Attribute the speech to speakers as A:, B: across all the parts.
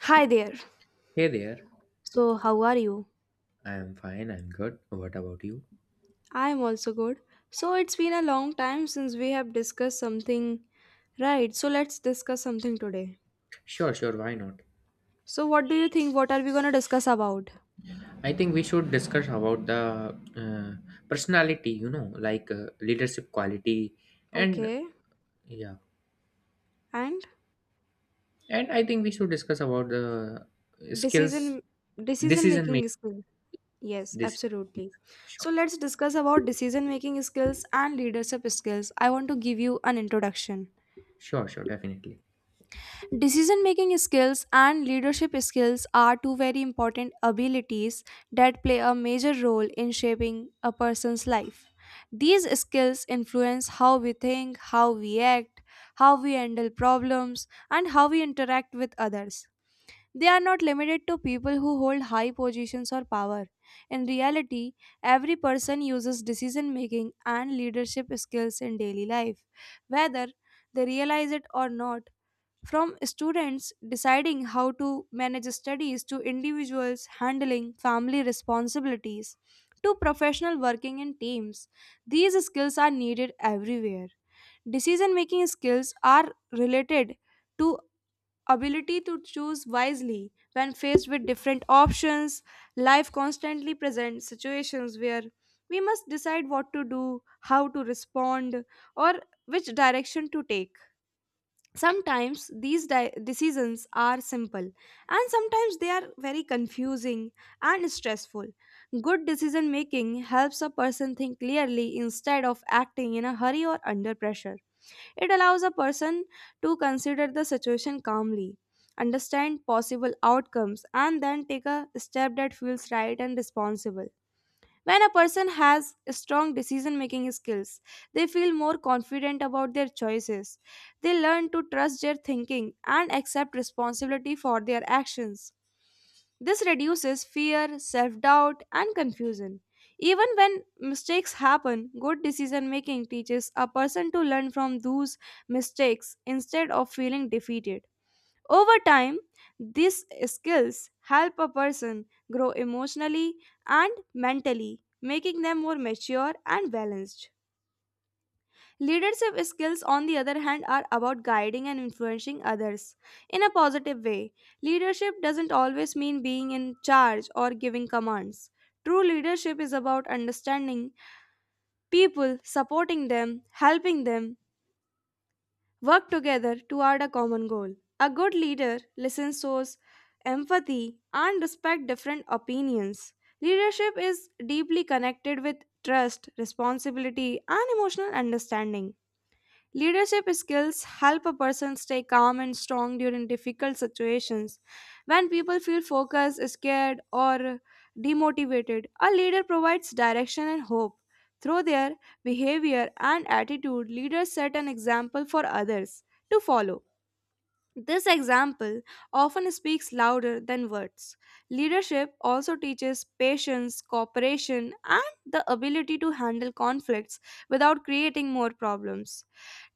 A: Hi there.
B: Hey there.
A: So, how are you?
B: I am fine, I'm good. What about you?
A: I'm also good. So, it's been a long time since we have discussed something. Right, so let's discuss something today.
B: Sure, sure, why not?
A: So, what do you think? What are we gonna discuss about?
B: I think we should discuss about the uh, personality, you know, like leadership quality and
A: Okay.
B: yeah.
A: And
B: And I think we should discuss about the skills,
A: decision decision
B: decision
A: making
B: making.
A: skill. Yes,
B: This
A: absolutely.
B: sure,
A: So, let's discuss about decision making skills and leadership skills. I want to give you an introduction.
B: sure, sure, definitely.
A: Decision making skills and leadership skills are two very important abilities that play a major role in shaping a person's life. These skills influence how we think, how we act, how we handle problems, and how we interact with others. They are not limited to people who hold high positions or power. In reality, every person uses decision making and leadership skills in daily life, whether they realize it or not, from students deciding how to manage studies to individuals handling family responsibilities to professional working in teams. These skills are needed everywhere. Decision making skills are related to ability to choose wisely when faced with different options. Life constantly presents situations where we must decide what to do, how to respond, or which direction to take. Sometimes decisions are simple and sometimes they are very confusing and stressful. Good decision making helps a person think clearly instead of acting in a hurry or under pressure. It allows a person to consider the situation calmly, understand possible outcomes, and then take a step that feels right and responsible. When a person has strong decision making skills, they feel more confident about their choices. They learn to trust their thinking and accept responsibility for their actions. This reduces fear, self doubt, and confusion. Even when mistakes happen, good decision making teaches a person to learn from those mistakes instead of feeling defeated. Over time, these skills help a person grow emotionally and mentally, making them more mature and balanced. Leadership skills, on the other hand, are about guiding and influencing others in a positive way. Leadership doesn't always mean being in charge or giving commands. True leadership is about understanding people, supporting them, helping them work together toward a common goal. A good leader listens, shows empathy, and respects different opinions. Leadership is deeply connected with trust, responsibility, and emotional understanding. Leadership skills help a person stay calm and strong during difficult situations. When people feel focused, scared, or demotivated, a leader provides direction and hope. Through their behavior and attitude, leaders set an example for others to follow. This example often speaks louder than words. Leadership also teaches patience, cooperation, and the ability to handle conflicts without creating more problems.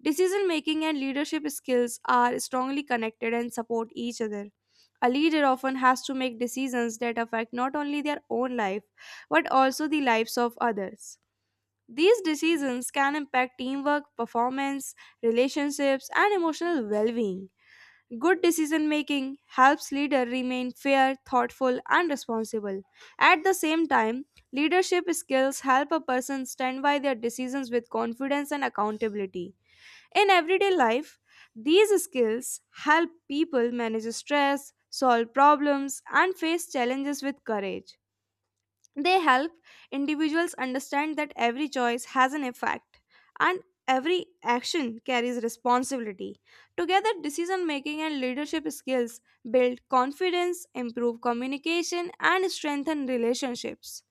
A: Decision making and leadership skills are strongly connected and support each other. A leader often has to make decisions that affect not only their own life but also the lives of others. These decisions can impact teamwork, performance, relationships, and emotional well being. Good decision making helps leader remain fair, thoughtful, and responsible. At the same time, leadership skills help a person stand by their decisions with confidence and accountability. In everyday life, these skills help people manage stress, solve problems, and face challenges with courage. They help individuals understand that every choice has an effect and every action carries responsibility. Together, decision making and leadership skills build confidence, improve communication, and strengthen relationships.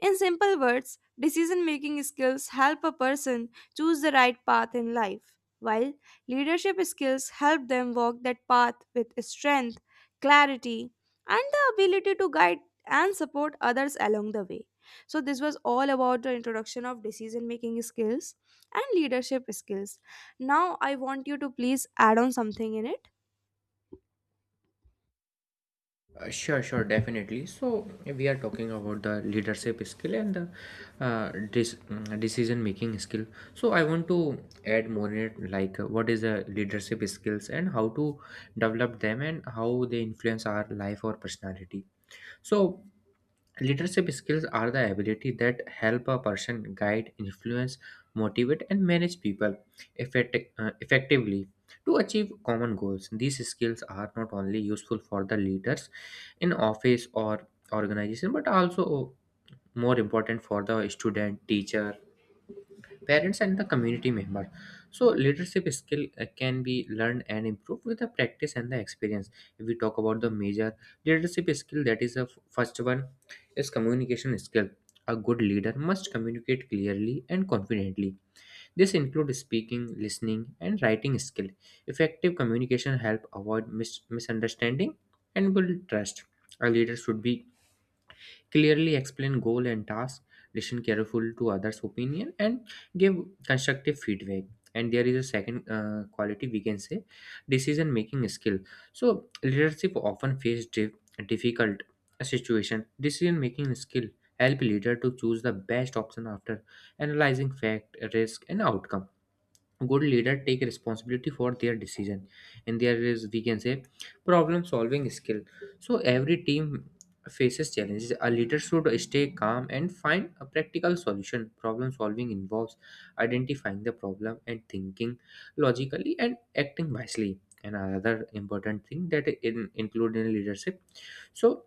A: In simple words, decision making skills help a person choose the right path in life, while leadership skills help them walk that path with strength, clarity, and the ability to guide and support others along the way. So, this was all about the introduction of decision making skills and leadership skills. Now, I want you to please add on something in it.
B: Sure, sure, definitely. So we are talking about the leadership skill and the decision making skill. So I want to add more in it, like what is the leadership skills and how to develop them and how they influence our life or personality. So leadership skills are the ability that help a person guide, influence, motivate, and manage people effectively to achieve common goals. These skills are not only useful for the leaders in office or organization, but also more important for the student, teacher, parents and the community members. So leadership skill can be learned and improved with the practice and the experience. If we talk about the major leadership skill, that is the first one is communication skill. A good leader must communicate clearly and confidently. This includes speaking, listening and writing skill. Effective communication help avoid misunderstanding and build trust. A leader should be clearly explain goal and task, listen careful to others' opinion, and give constructive feedback. And there is a second quality we can say decision making skill. So leadership often face difficult situation. Decision making skill help leader to choose the best option after analyzing fact, risk, and outcome. Good leader take responsibility for their decision. And there is, we can say, problem solving skill. So every team faces challenges. A leader should stay calm and find a practical solution. Problem solving involves identifying the problem and thinking logically and acting wisely. And another important thing that in included in leadership, so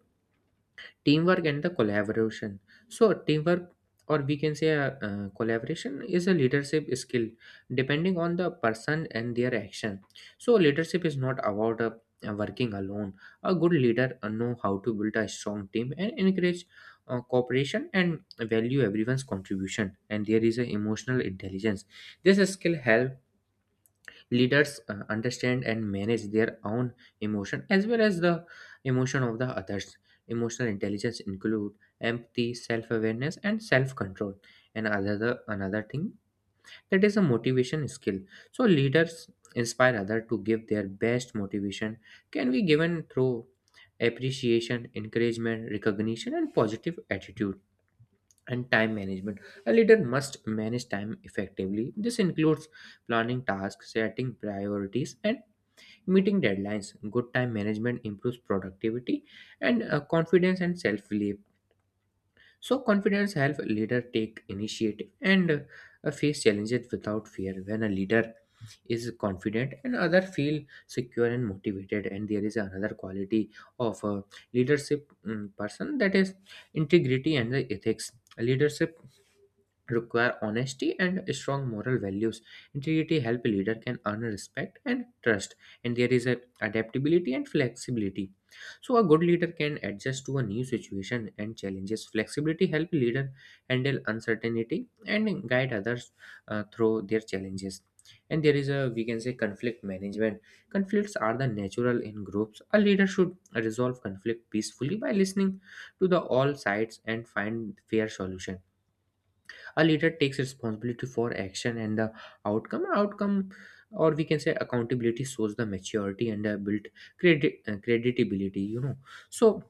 B: teamwork and the collaboration. So teamwork, or we can say, collaboration is a leadership skill depending on the person and their action. So leadership is not about working alone. A good leader know how to build a strong team and encourage cooperation and value everyone's contribution. And there is a emotional intelligence. This skill help leaders understand and manage their own emotion as well as the emotion of the others. Emotional intelligence include empathy, self-awareness, and self-control. And another thing that is a motivation skill. So leaders inspire other to give their best. Motivation can be given through appreciation, encouragement, recognition, and positive attitude. And time management. A leader must manage time effectively. This includes planning tasks, setting priorities, and meeting deadlines. Good time management improves productivity and confidence and self belief. So confidence helps a leader take initiative and face challenges without fear. When a leader is confident and other feel secure and motivated. And there is another quality of a leadership person, that is integrity and the ethics. Leadership require honesty and strong moral values. Integrity help a leader can earn respect and trust. And there is a adaptability and flexibility. So a good leader can adjust to a new situation and challenges. Flexibility help leader handle uncertainty and guide others through their challenges. And there is a, we can say, conflict management. Conflicts are the natural in groups. A leader should resolve conflict peacefully by listening to the all sides and find fair solution. A leader takes responsibility for action and the outcome, or we can say accountability, shows the maturity and built credit credibility, you know. So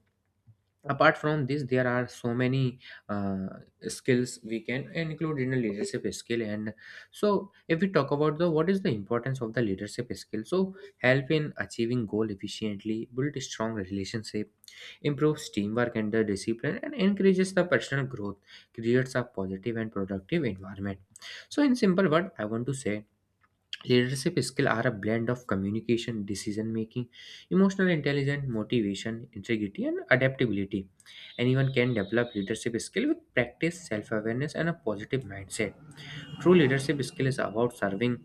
B: apart from this, there are so many uh, skills we can include in a leadership skill. And so if we talk about the what is the importance of the leadership skill, so help in achieving goal efficiently, build a strong relationship, improves teamwork and the discipline, and encourages the personal growth, creates a positive and productive environment. So in simple word, I want to say leadership skills are a blend of communication, decision making, emotional intelligence, motivation, integrity, and adaptability. Anyone can develop leadership skill with practice, self awareness, and a positive mindset. True leadership skill is about serving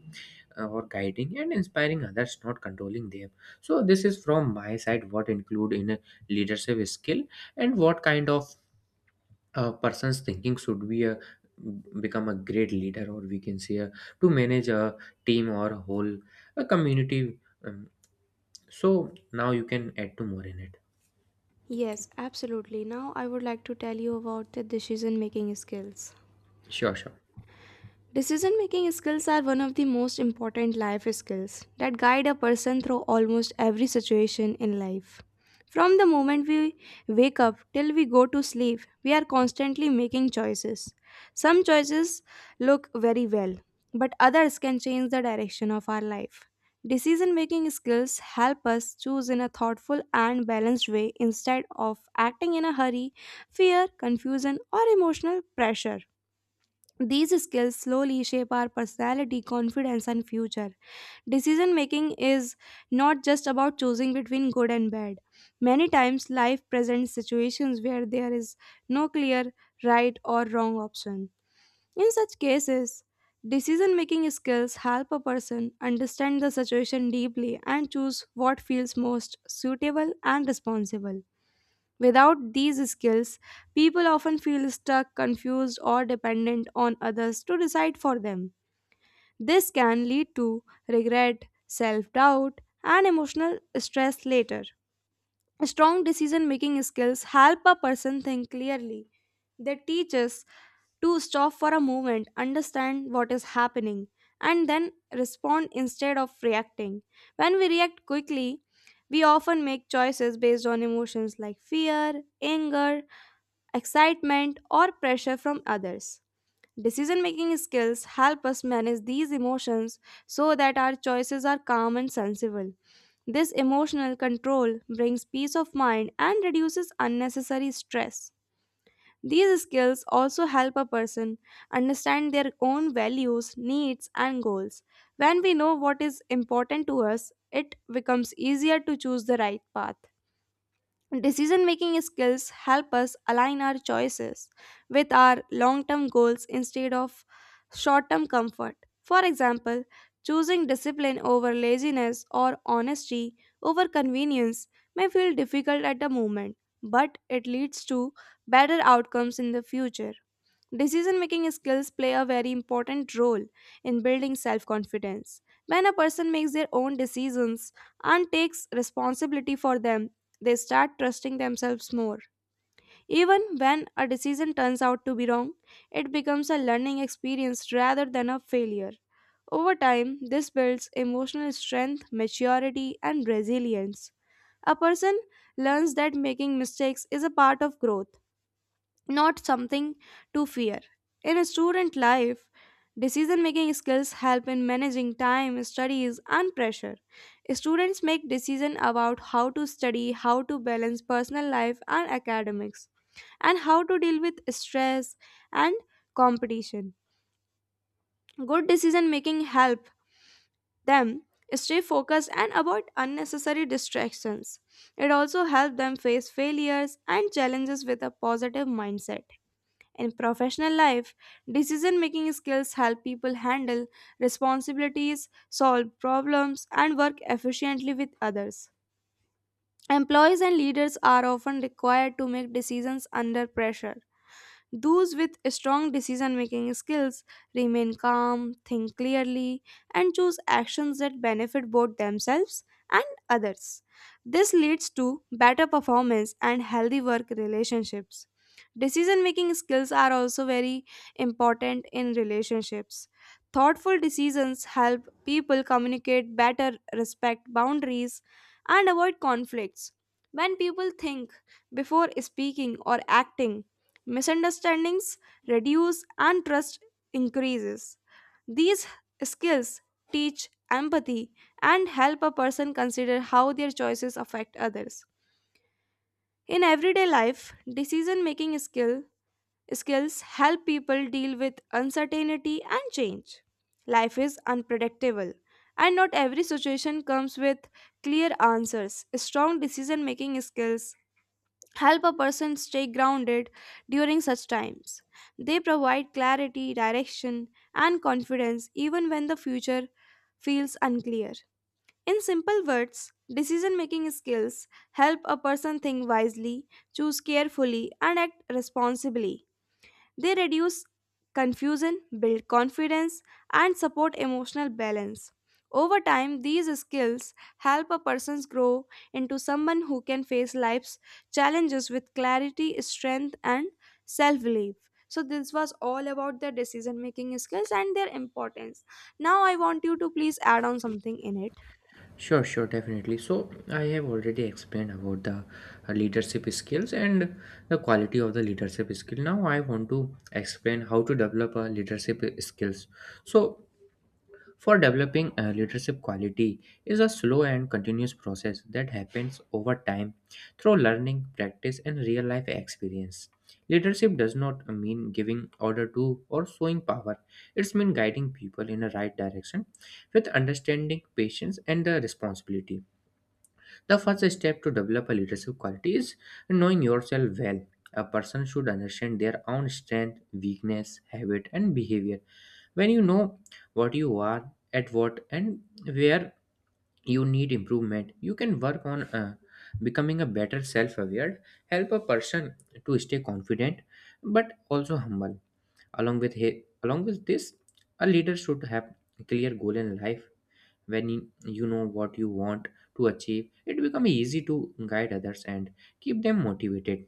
B: or guiding and inspiring others, not controlling them. So this is from my side what include in a leadership skill, and what kind of person's thinking should be a become a great leader, or we can say a, to manage a team or a whole a community. um, so now you can add to more in it.
A: Yes, absolutely. Now I would like to tell you about the decision making skills.
B: Sure, sure.
A: Decision making skills are one of the most important life skills that guide a person through almost every situation in life. From the moment we wake up till we go to sleep, we are constantly making choices. Some choices look very well, but others can change the direction of our life. Decision making skills help us choose in a thoughtful and balanced way instead of acting in a hurry, fear, confusion, or emotional pressure. These skills slowly shape our personality, confidence, and future. Decision making is not just about choosing between good and bad. Many times, life presents situations where there is no clear right or wrong option. In such cases, decision making skills help a person understand the situation deeply and choose what feels most suitable and responsible. Without these skills, people often feel stuck, confused, or dependent on others to decide for them. This can lead to regret, self doubt, and emotional stress later. Strong decision making skills help a person think clearly. They teach us to stop for a moment, understand what is happening, and then respond instead of reacting. When we react quickly, we often make choices based on emotions like fear, anger, excitement, or pressure from others. Decision making skills help us manage these emotions so that our choices are calm and sensible. This emotional control brings peace of mind and reduces unnecessary stress. These skills also help a person understand their own values, needs, and goals. When we know what is important to us, it becomes easier to choose the right path. Decision making skills help us align our choices with our long term goals instead of short term comfort. For example, choosing discipline over laziness or honesty over convenience may feel difficult at the moment, but it leads to better outcomes in the future. Decision making skills play a very important role in building self confidence. When a person makes their own decisions and takes responsibility for them, they start trusting themselves more. Even when a decision turns out to be wrong, it becomes a learning experience rather than a failure. Over time, this builds emotional strength, maturity, and resilience. A person learns that making mistakes is a part of growth, not something to fear. In student life, decision making skills help in managing time, studies, and pressure. Students make decisions about how to study, how to balance personal life and academics, and how to deal with stress and competition. Good decision making help them stay focused and avoid unnecessary distractions. It also helps them face failures and challenges with a positive mindset. In professional life, decision making skills help people handle responsibilities, solve problems, and work efficiently with others. Employees and leaders are often required to make decisions under pressure. Those with strong decision making skills remain calm, think clearly, and choose actions that benefit both themselves and others. This leads to better performance and healthy work relationships. Decision making skills are also very important in relationships. Thoughtful decisions help people communicate better, respect boundaries, and avoid conflicts. When people think before speaking or acting, misunderstandings reduce and trust increases. These skills teach empathy and help a person consider how their choices affect others. In everyday life, decision making skill skills help people deal with uncertainty and change. Life is unpredictable and not every situation comes with clear answers. Strong decision making skills help a person stay grounded during such times. They provide clarity, direction, and confidence even when the future feels unclear. In simple words, decision making skills help a person think wisely, choose carefully, and act responsibly. They reduce confusion, build confidence, and support emotional balance. Over time, these skills help a person grow into someone who can face life's challenges with clarity, strength, and self belief. So, this was all about their decision making skills and their importance. Now, I want you to please add on something in it.
B: Sure, sure, definitely. So I have already explained about the leadership skills and the quality of the leadership skill. Now I want to explain how to develop a leadership skills. So for developing a leadership quality is a slow and continuous process that happens over time through learning, practice, and real life experience. Leadership does not mean giving order to or showing power. It's mean guiding people in the right direction with understanding, patience, and the responsibility. The first step to develop a leadership quality is knowing yourself well. A person should understand their own strength, weakness, habit, and behavior. When you know what you are, at what, and where you need improvement, you can work on becoming a better self aware, help a person to stay confident but also humble. Along with this, a leader should have a clear goal in life. When you know what you want to achieve, it becomes easy to guide others and keep them motivated.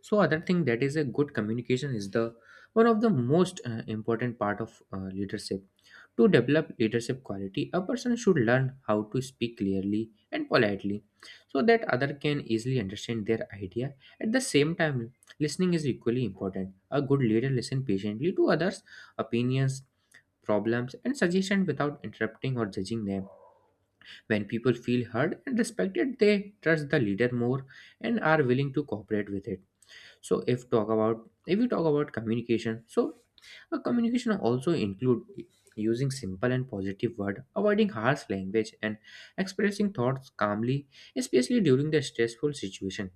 B: So other thing that is a good communication is the one of the most important part of leadership. To develop leadership quality, a person should learn how to speak clearly and politely so that other can easily understand their idea. At the same time, listening is equally important. A good leader listens patiently to others opinions, problems and suggestions without interrupting or judging them. When people feel heard and respected, they trust the leader more and are willing to cooperate with it. So if we talk about communication, so a communication also include using simple and positive word, avoiding harsh language and expressing thoughts calmly, especially during the stressful situation.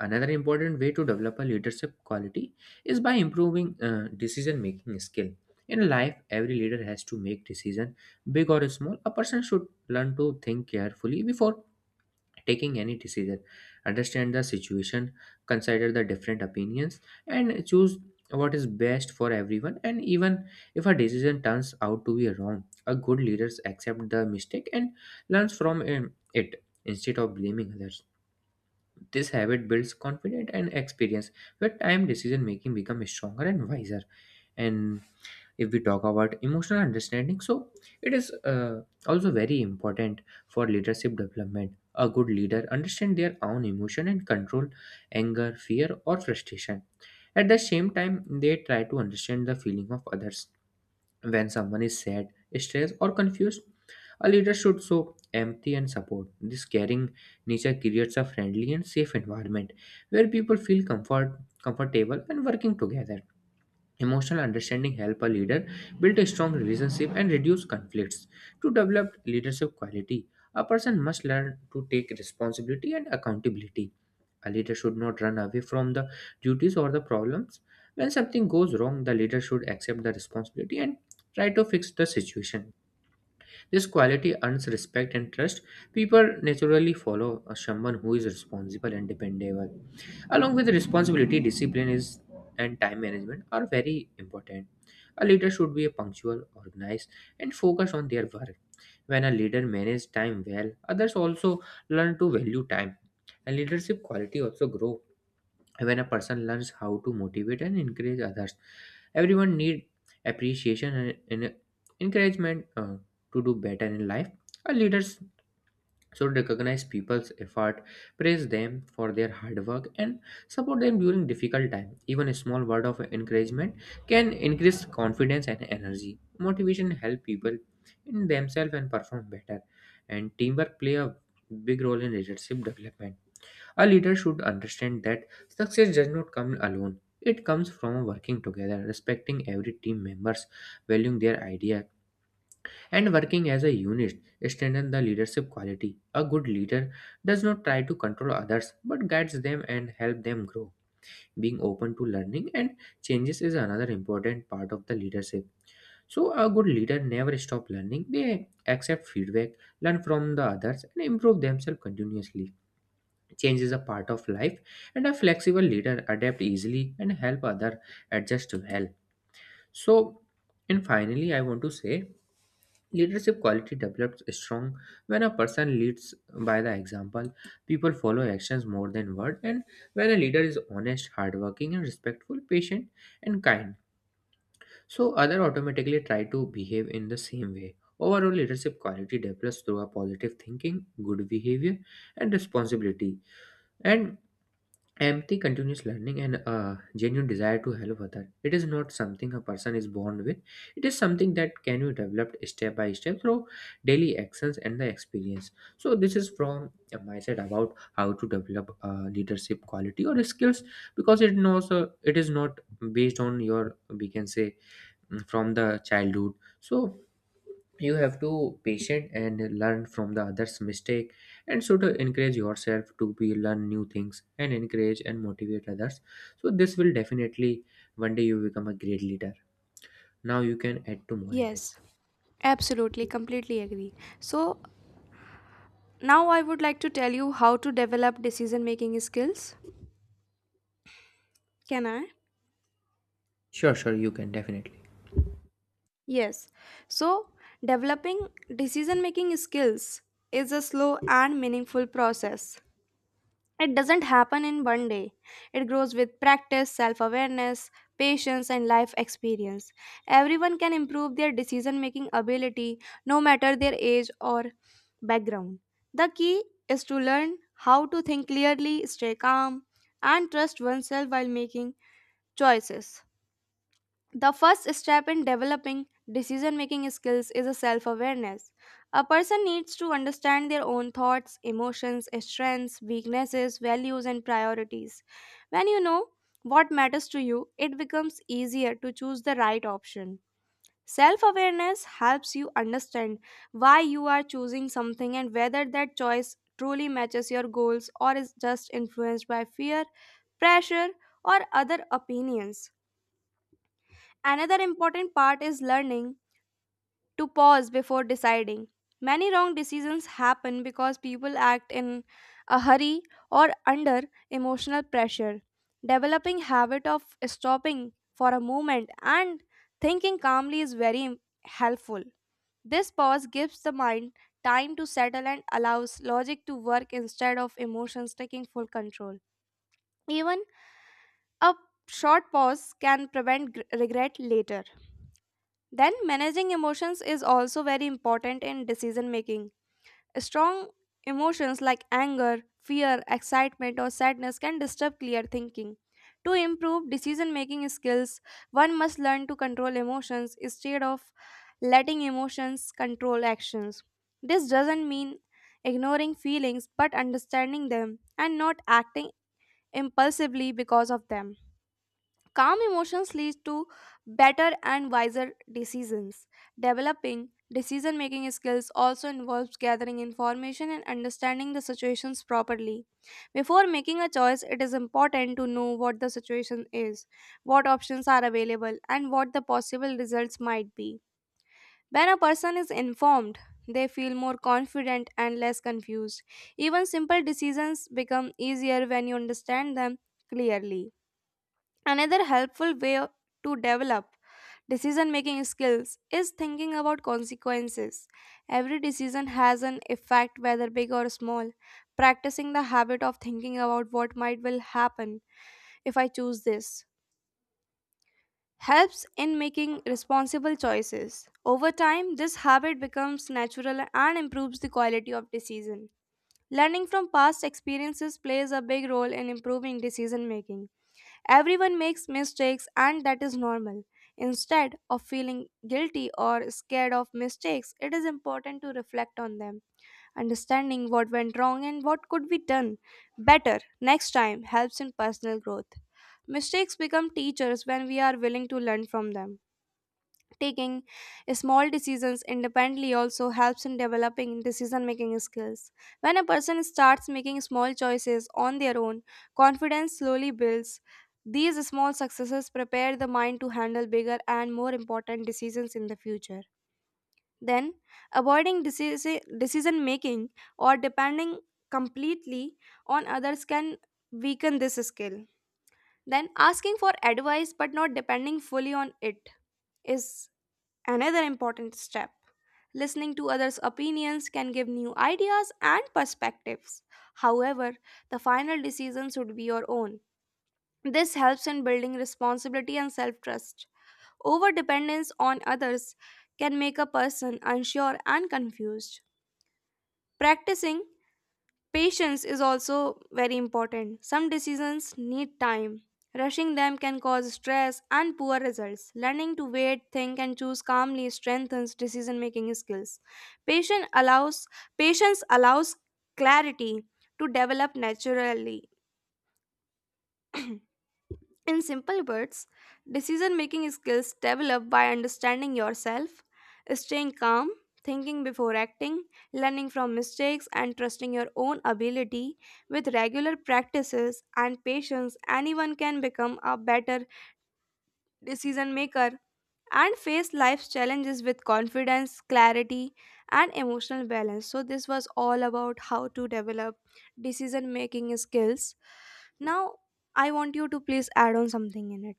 B: Another important way to develop a leadership quality is by improving decision making skill. In life, every leader has to make decision, big or small. A person should learn to think carefully before taking any decision, understand the situation, consider the different opinions, and choose what is best for everyone. And even if a decision turns out to be wrong, a good leader accepts the mistake and learns from it instead of blaming others. This habit builds confidence and experience. With time, decision making becomes stronger and wiser. And if we talk about emotional understanding, so it is also very important for leadership development. A good leader understand their own emotion and control anger, fear, or frustration. At the same time, they try to understand the feeling of others. When someone is sad, stressed, or confused, a leader should show empathy and support. This caring nature creates a friendly and safe environment where people feel comfortable when working together. Emotional understanding help a leader build a strong relationship and reduce conflicts. To develop leadership quality, a person must learn to take responsibility and accountability. A leader should not run away from the duties or the problems. When something goes wrong, the leader should accept the responsibility and try to fix the situation. This quality earns respect and trust. People naturally follow someone who is responsible and dependable. Along with responsibility, discipline is and time management are very important. A leader should be punctual, organized, and focused on their work. When a leader manages time well, others also learn to value time. And leadership quality also grow when a person learns how to motivate and encourage others. Everyone need appreciation and encouragement to do better in life. A leader's so, recognize people's effort, praise them for their hard work, and support them during difficult time. Even a small word of encouragement can increase confidence and energy. Motivation help people in themselves and perform better. And teamwork play a big role in leadership development. A leader should understand that success does not come alone. It comes from working together, respecting every team members, valuing their idea, and working as a unit strengthen the leadership quality. A good leader does not try to control others but guides them and help them grow. Being open to learning and changes is another important part of the leadership. So a good leader never stop learning. They accept feedback, learn from the others and improve themselves continuously. Change is a part of life, and a flexible leader adapt easily and help other adjust well. So, and finally, I want to say leadership quality develops strong when a person leads by the example. People follow actions more than word, and when a leader is honest, hardworking, and respectful, patient, and kind, so other automatically try to behave in the same way. Overall, leadership quality develops through a positive thinking, good behavior, and responsibility. And empathy, continuous learning, and a genuine desire to help others. It is not something a person is born with. It is something that can be developed step by step through daily actions and the experience. So this is from my side about how to develop leadership quality or skills, because it knows it is not based on your, we can say, from the childhood. So you have to patient and learn from the others mistake, and so to encourage yourself to be learn new things and encourage and motivate others, so this will definitely one day you become a great leader. Now you can add to more in it.
A: Yes, absolutely, completely agree. So, now I would like to tell you how to develop decision making skills. Can I?
B: Sure, sure, you can definitely.
A: Yes. So, developing decision making skills is a slow and meaningful process. It doesn't happen in one day. It grows with practice, self awareness, patience, and life experience. Everyone can improve their decision making ability no matter their age or background. The key is to learn how to think clearly, stay calm, and trust oneself while making choices. The first step in developing decision making skills is a self awareness. A person needs to understand their own thoughts, emotions, strengths, weaknesses, values, and priorities. When you know what matters to you, it becomes easier to choose the right option. Self awareness helps you understand why you are choosing something and whether that choice truly matches your goals or is just influenced by fear, pressure, or other opinions. Another important part is learning to pause before deciding. Many wrong decisions happen because people act in a hurry or under emotional pressure. Developing habit of stopping for a moment and thinking calmly is helpful. This pause gives the mind time to settle and allows logic to work instead of emotions taking full control. Even a short pause can prevent regret later. Then, managing emotions is also very important in decision making. Strong emotions like anger, fear, excitement, or sadness can disturb clear thinking. To improve decision making skills, one must learn to control emotions instead of letting emotions control actions. This doesn't mean ignoring feelings but understanding them and not acting impulsively because of them. Calm emotions lead to better and wiser decisions. Developing decision making skills also involves gathering information and understanding the situations properly. Before making a choice, it is important to know what the situation is, what options are available, and what the possible results might be. When a person is informed, they feel more confident and less confused. Even simple decisions become easier when you understand them clearly. Another helpful way to develop decision making skills is thinking about consequences. Every decision has an effect, whether big or small. Practicing the habit of thinking about what might will happen if I choose this helps in making responsible choices. Over time, this habit becomes natural and improves the quality of decision. Learning from past experiences plays a big role in improving decision making. Everyone makes mistakes and that is normal. Instead of feeling guilty or scared of mistakes, it is important to reflect on them. Understanding what went wrong and what could be done better next time helps in personal growth. Mistakes become teachers when we are willing to learn from them. Taking small decisions independently also helps in developing decision making skills. When a person starts making small choices on their own, confidence slowly builds. These small successes prepare the mind to handle bigger and more important decisions in the future. Then, decision making or depending completely on others can weaken this skill. Then, asking for advice but not depending fully on it is another important step. Listening to others' opinions can give new ideas and perspectives. However, the final decision should be your own. This helps in building responsibility and self trust. Over dependence on others can make a person unsure and confused. Practicing patience is also very important. Some decisions need time. Rushing them can cause stress and poor results. Learning to wait, think, and choose calmly strengthens decision-making skills. Patience allows patience allows clarity to develop naturally. In simple words, decision making skills develop by understanding yourself, staying calm, thinking before acting, learning from mistakes, and trusting your own ability. With regular practices and patience, anyone can become a better decision maker and face life's challenges with confidence, clarity, and emotional balance. So, this was all about how to develop decision making skills. Now, I want you to please add on something in it.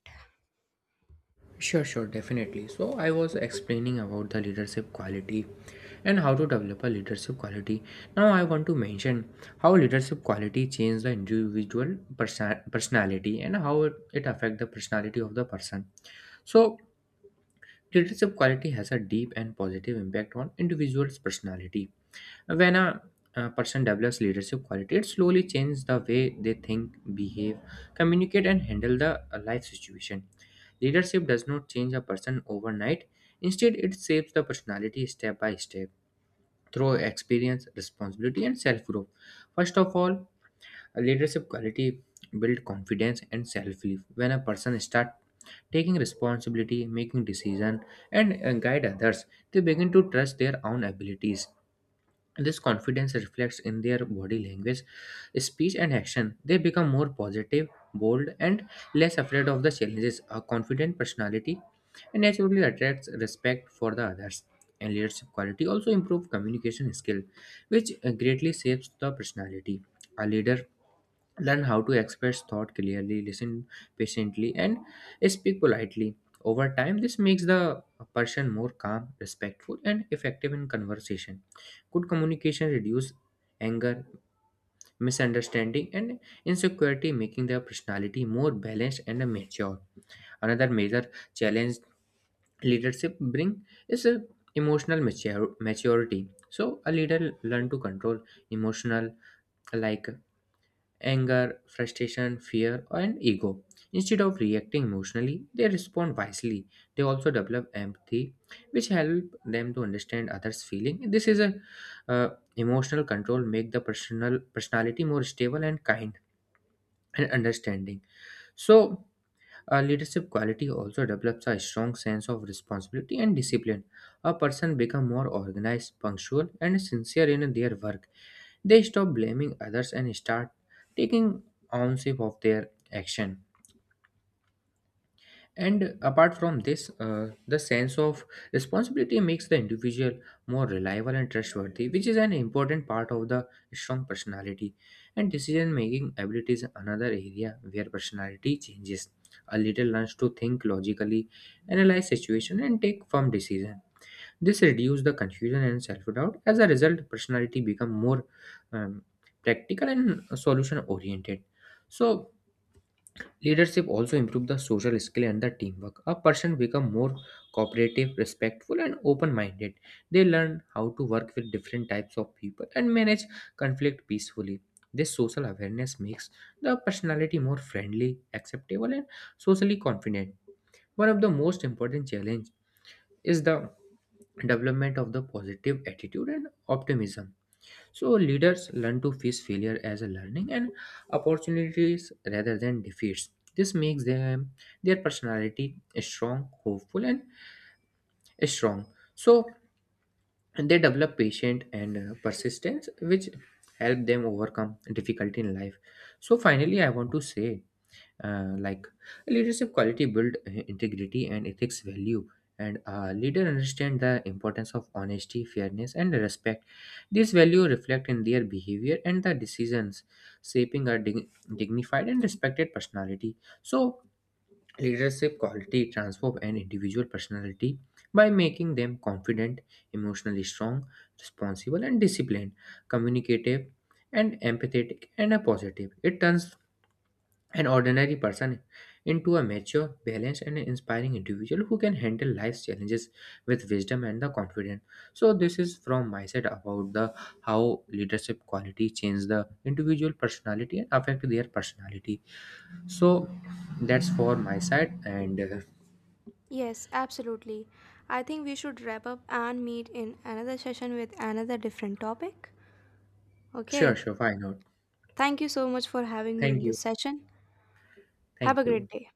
B: Sure, sure, definitely. So, I was explaining about the leadership quality and how to develop a leadership quality. Now, I want to mention how leadership quality changes the individual personality, and how it affects the personality of the person. So, leadership quality has a deep and positive impact on individual's personality. When a person develops leadership quality, it slowly changes the way they think, behave, communicate, and handle the life situation. Leadership does not change a person overnight. Instead, it shapes the personality step by step through experience, responsibility, and self growth. First of all, a leadership quality build confidence and self belief. When a person starts taking responsibility, making decision, and guide others, they begin to trust their own abilities. This confidence reflects in their body language, speech, and action. They become more positive, bold, and less afraid of the challenges. A confident personality naturally attracts respect for the others. And leadership quality also improve communication skill, which greatly shapes the personality. A leader learn how to express thought clearly, listen patiently, and speak politely. Over time this makes the person more calm, respectful, and effective in conversation. Good communication reduces anger, misunderstanding, and insecurity, making their personality more balanced and mature. Another major challenge leadership bring is emotional maturity. So a leader learn to control emotional like anger, frustration, fear, and ego. Instead of reacting emotionally, they respond wisely. They also develop empathy, which help them to understand others' feeling. This is a uh, emotional control make the personality more stable and kind and understanding. So, a leadership quality also develops a strong sense of responsibility and discipline. A person become more organized, punctual, and sincere in their work. They stop blaming others and start taking ownership of their action. And apart from this, the sense of responsibility makes the individual more reliable and trustworthy, which is an important part of the strong personality. And decision making ability is another area where personality changes. A little. Learns to think logically, analyze situation, and take firm decisions. This reduces the confusion and self-doubt. As a result, personality become more um, practical and solution-oriented. So leadership also improve the social skill and the teamwork. A person become more cooperative, respectful, and open-minded. They learn how to work with different types of people and manage conflict peacefully. This social awareness makes the personality more friendly, acceptable, and socially confident. One of the most important challenge is the development of the positive attitude and optimism. So leaders learn to face failure as a learning and opportunities rather than defeats. This makes them their personality strong, hopeful, and strong. So they develop patience and persistence, which help them overcome difficulty in life. So finally, I want to say like leadership quality build integrity and ethics value. And a leader understand the importance of honesty, fairness, and respect. These value reflect in their behavior and the decisions, shaping a dignified and respected personality. So leadership quality transform an individual personality by making them confident, emotionally strong, responsible and disciplined, communicative, and empathetic, and a positive. It turns an ordinary person into a mature, balanced, and inspiring individual who can handle life's challenges with wisdom and the confidence. So, this is from my side about the how leadership quality change the individual personality and affect their personality. So, that's for my side, and
A: Yes, absolutely. I think we should wrap up and meet in another session with another different topic.
B: sure,
A: Okay.
B: sure, why not?
A: Thank you so much for having me in
B: Thank
A: this
B: you,
A: session. Have a
B: thank
A: great
B: you.
A: day.